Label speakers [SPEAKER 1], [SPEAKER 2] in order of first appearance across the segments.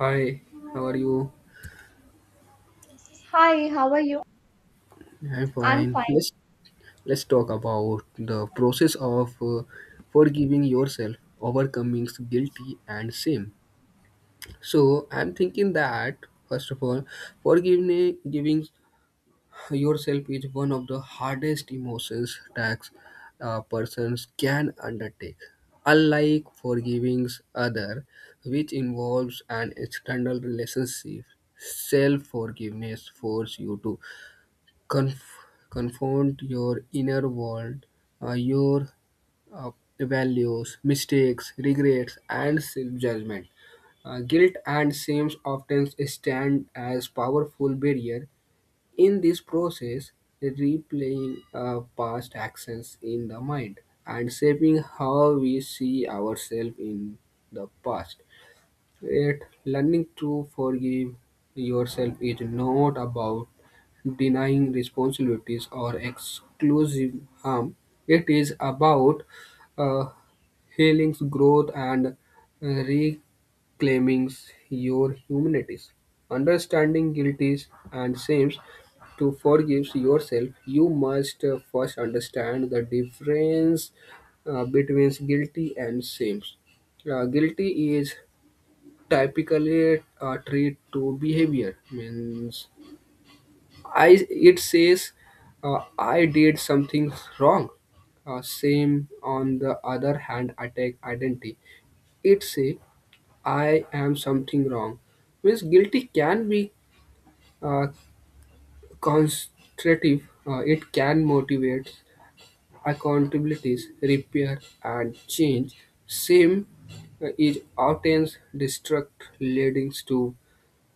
[SPEAKER 1] Hi, how are you?
[SPEAKER 2] Hi, how are you?
[SPEAKER 1] I'm
[SPEAKER 2] I'm
[SPEAKER 1] fine.
[SPEAKER 2] fine.
[SPEAKER 1] Let's talk about the process of forgiving yourself, overcoming guilty and shame. So I'm thinking that first of all, forgiving giving yourself is one of the hardest emotions tasks a persons can undertake. Unlike forgiving other, which involves an external relationship, self-forgiveness forces you to confront your inner world, your uh, values, mistakes, regrets, and self-judgment. Guilt and shame often stand as powerful barrier in this process, replaying past actions in the mind and shaping how we see ourselves in the past. Yet, learning to forgive yourself is not about denying responsibilities or exclusive harm. It is about uh, healing, growth, and uh, reclaiming your humanities. Understanding guilties and sins to forgive yourself, you must first understand the difference between guilty and sins. Guilty is typically treat to behavior means I it says I did something wrong, same on the other hand attack identity it say I am something wrong means guilty can be uh, constructive, it can motivate accountabilities, repair, and change. Same is often destruct leading to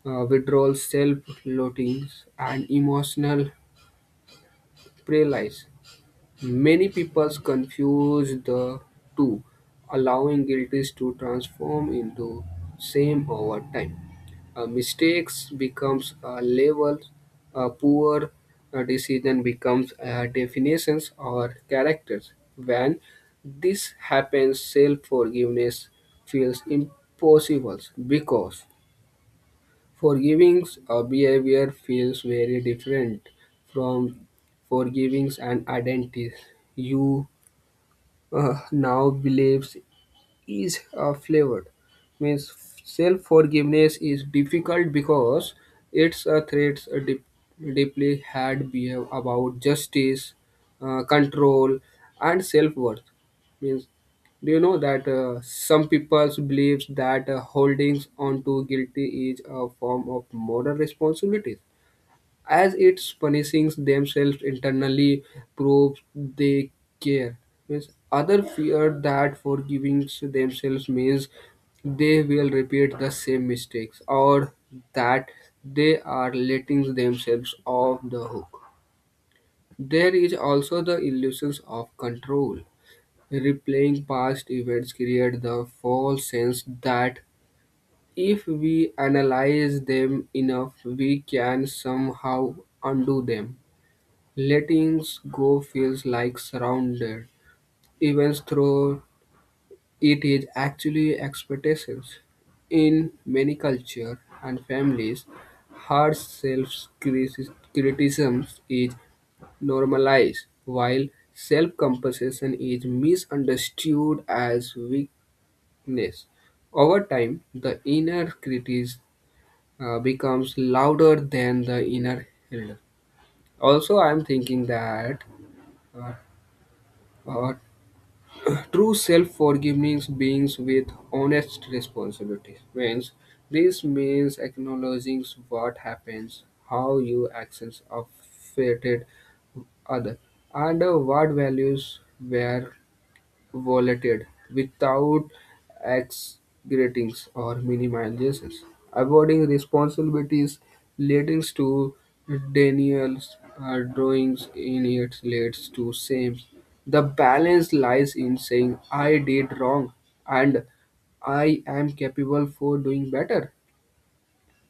[SPEAKER 1] withdrawal, self loathing, and emotional paralysis. Many people confuse the two, allowing guilties to transform into shame over time. Mistakes becomes a label, a poor decision becomes definitions or characters. When this happens, self-forgiveness feels impossible because forgiving a behavior feels very different from forgiving an identity you now believes is flavored. Means self forgiveness is difficult because it's a threats a deep, deeply had behave about justice, control, and self worth. Means do you know that some people believes that holdings on to guilty is a form of moral responsibility, as it's punishing themselves internally proves they care? Means other fear that forgiving themselves means they will repeat the same mistakes or that they are letting themselves off the hook. There is also the illusions of control. Replaying past events create the false sense that if we analyze them enough, we can somehow undo them. Letting go feels like surrender, even though it is actually expectations. In many cultures and families, harsh self-criticism is normalized, while self-compassion is misunderstood as weakness. Over time, the inner critic becomes louder than the inner healer. Also, I'm thinking that uh, uh, true self-forgiveness begins with honest responsibility. Means this means acknowledging what happens, how your actions affected other, and what values were volatility without exaggerating or minimizing. Avoiding responsibilities leads to denials, drawings in it leads to same. The balance lies in saying I did wrong and I am capable for doing better.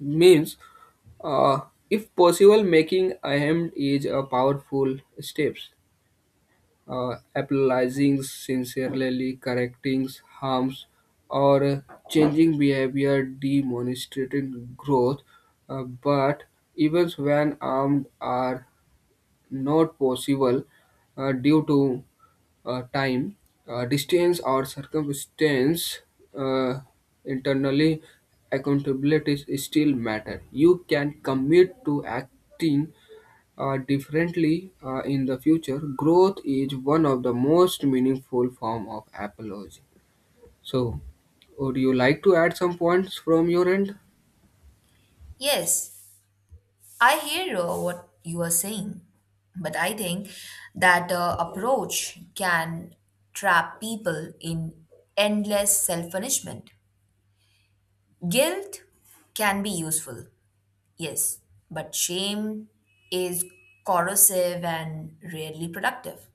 [SPEAKER 1] Means uh, if possible, making ahem is a powerful step, apologizing, sincerely correcting harms, or changing behavior demonstrating growth. But events when armed are not possible due to time, distance, or circumstance, uh, internally accountability is still matter. You can commit to acting differently in the future, growth is one of the most meaningful form of apology. So, would you like to add some points from your end?
[SPEAKER 3] Yes, I hear what you are saying, but I think that approach can trap people in endless self punishment. Guilt can be useful, yes, but shame is corrosive and rarely productive.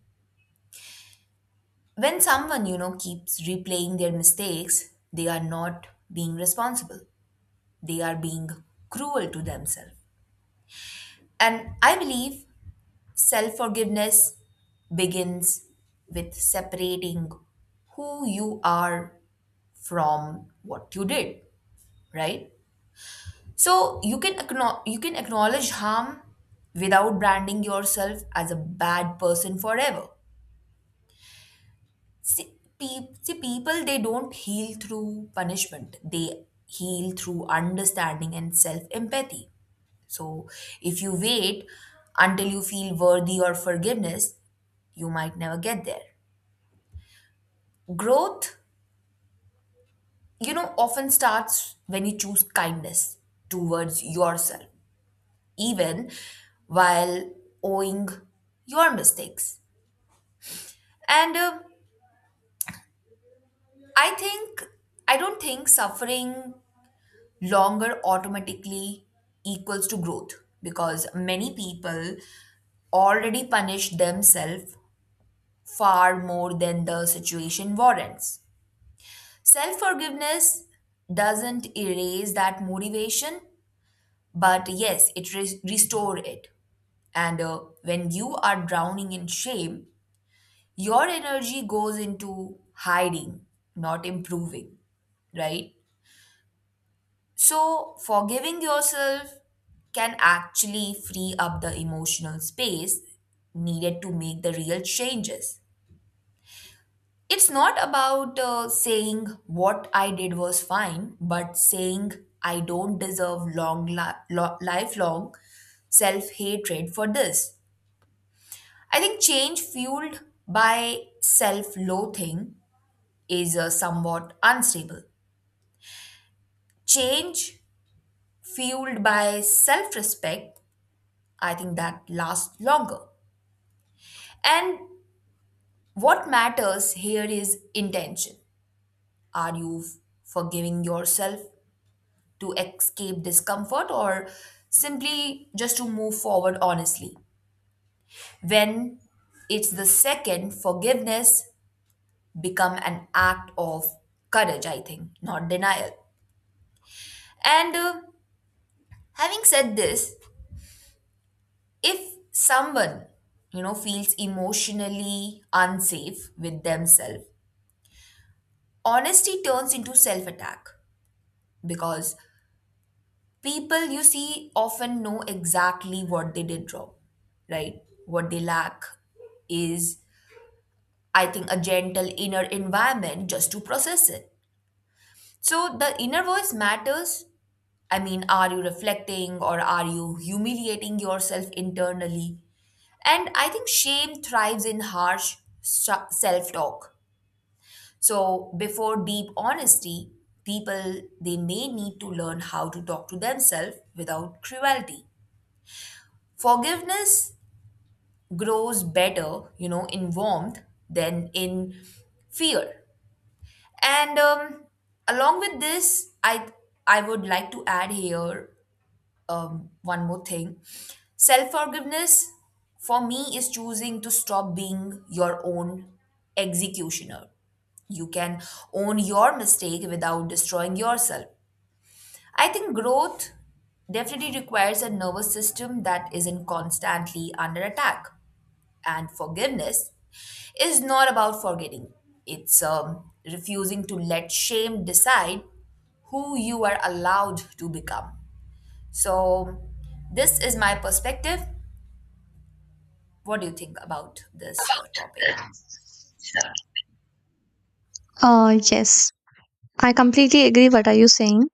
[SPEAKER 3] When someone, keeps replaying their mistakes, they are not being responsible, they are being cruel to themselves. And I believe self forgiveness begins with separating who you are from what you did, right? So you can you can acknowledge harm without branding yourself as a bad person forever. See, see, people they don't heal through punishment. They heal through understanding and self empathy. So if you wait until you feel worthy or forgiveness, you might never get there. Growth, often starts when you choose kindness towards yourself, even while owing your mistakes. And I think, I don't think suffering longer automatically equals to growth because many people already punish themselves far more than the situation warrants. Self forgiveness doesn't erase that motivation, but yes, it restore it. And when you are drowning in shame, your energy goes into hiding, not improving, right? So forgiving yourself can actually free up the emotional space needed to make the real changes. It's not about saying what I did was fine, but saying I don't deserve long lifelong self hatred for this. I think change fueled by self loathing is somewhat unstable. Change fueled by self respect, I think that lasts longer. And what matters here is intention. Are you forgiving yourself to escape discomfort or simply just to move forward honestly? When it's the second, forgiveness become an act of courage, I think, not denial. And having said this, if someone, feels emotionally unsafe with themselves, honesty turns into self attack because people you see often know exactly what they did wrong, right? What they lack is, I think, a gentle inner environment just to process it. So the inner voice matters. I mean, are you reflecting or are you humiliating yourself internally? And I think shame thrives in harsh self talk. So, before deep honesty, people they may need to learn how to talk to themselves without cruelty. Forgiveness grows better, in warmth than in fear. And along with this, I would like to add here one more thing. Self forgiveness for me is choosing to stop being your own executioner. You can own your mistake without destroying yourself. I think growth definitely requires a nervous system that isn't constantly under attack. And forgiveness is not about forgetting, it's refusing to let shame decide who you are allowed to become. So, this is my perspective. What do you think about this topic?
[SPEAKER 2] Yes, I completely agree what are you saying.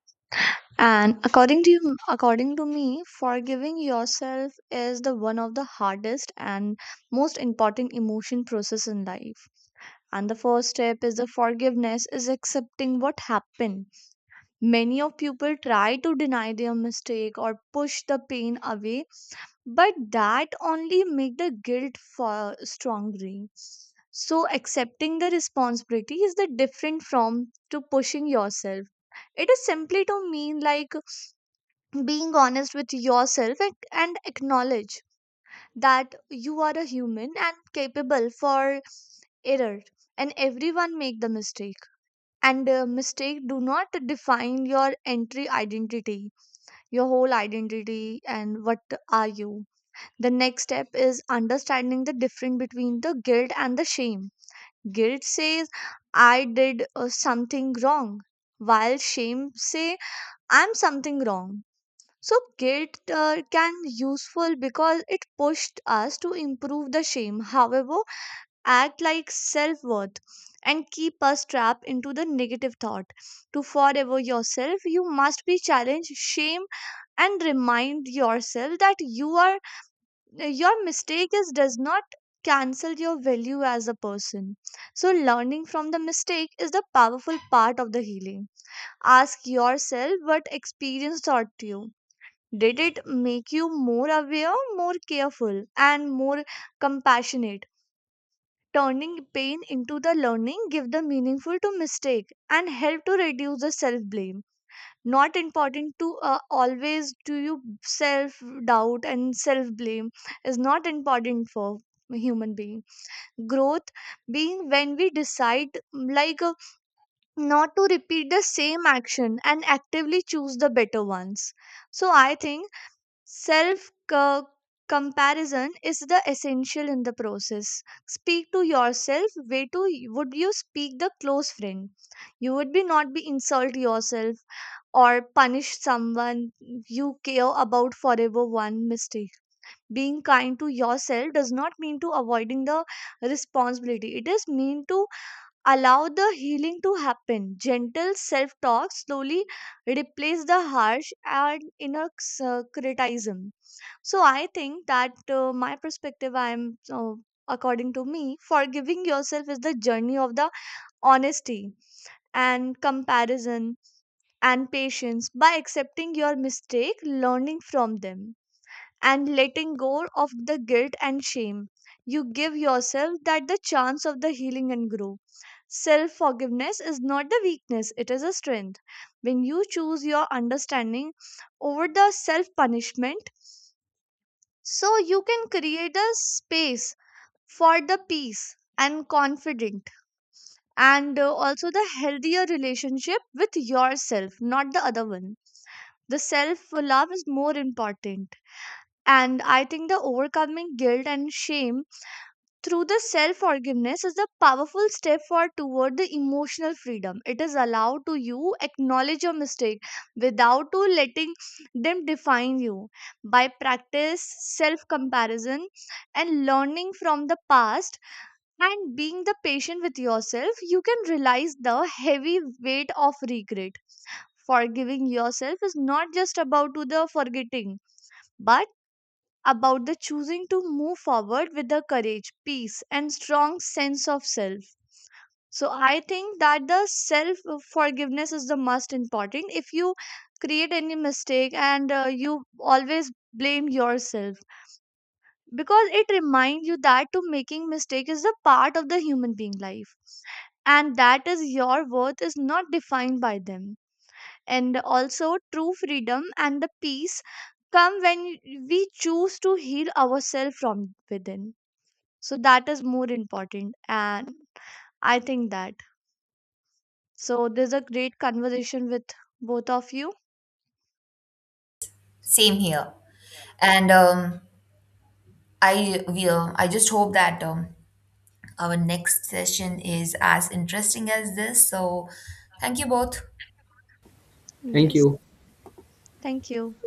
[SPEAKER 2] And according to you, according to me, forgiving yourself is the one of the hardest and most important emotion process in life. And the first step is the forgiveness is accepting what happened. Many of people try to deny their mistake or push the pain away, but that only make the guilt far stronger. So accepting the responsibility is the different from to pushing yourself. It is simply to mean like being honest with yourself and acknowledge that you are a human and capable for error, and everyone make the mistake, and mistake do not define your entry identity, your whole identity and what are you. The next step is understanding the difference between the guilt and the shame. Guilt says I did something wrong, while shame say I'm something wrong. So guilt can useful because it pushed us to improve the shame. However, act like self worth and keep us trapped into the negative thought. To forever yourself, you must be challenged shame and remind yourself that you are your mistake is does not cancel your value as a person. So learning from the mistake is the powerful part of the healing. Ask yourself what experience taught you. Did it make you more aware, more careful, and more compassionate? Turning pain into the learning give the meaningful to mistake and help to reduce the self blame. Not important to always do you self doubt, and self blame is not important for human being growth, being when we decide not to repeat the same action and actively choose the better ones. So I think self comparison is the essential in the process. Speak to yourself way to would you speak the close friend. You would be not be insult yourself or punish someone you care about forever one mistake. Being kind to yourself does not mean to avoiding the responsibility. It is mean to allow the healing to happen. Gentle self talk slowly replace the harsh and inner criticism. So I think that my perspective, I am uh, according to me, forgiving yourself is the journey of the honesty and comparison and patience. By accepting your mistake, learning from them, and letting go of the guilt and shame, you give yourself that the chance of the healing and grow. Self forgiveness is not the weakness, it is a strength. When you choose your understanding over the self punishment, so you can create a space for the peace and confident, and also the healthier relationship with yourself, not the other one. The self love is more important, and I think the overcoming guilt and shame through the self forgiveness is a powerful step forward toward the emotional freedom. It is allowed to you acknowledge your mistake without to letting them define you. By practice self comparison and learning from the past and being the patient with yourself, you can realize the heavy weight of regret. Forgiving yourself is not just about to the forgetting, but about the choosing to move forward with the courage, peace, and strong sense of self. So I think that the self forgiveness is the most important. If you create any mistake and you always blame yourself, because it reminds you that to making mistake is the part of the human being life, and that is your worth is not defined by them. And also, true freedom and the peace come when we choose to heal ourselves from within. So, that is more important. And I think that. So, there's a great conversation with both of you.
[SPEAKER 3] Same here. And I will. I just hope that our next session is as interesting as this. So, thank you both.
[SPEAKER 1] Thank
[SPEAKER 2] Yes.
[SPEAKER 1] you.
[SPEAKER 2] Thank you.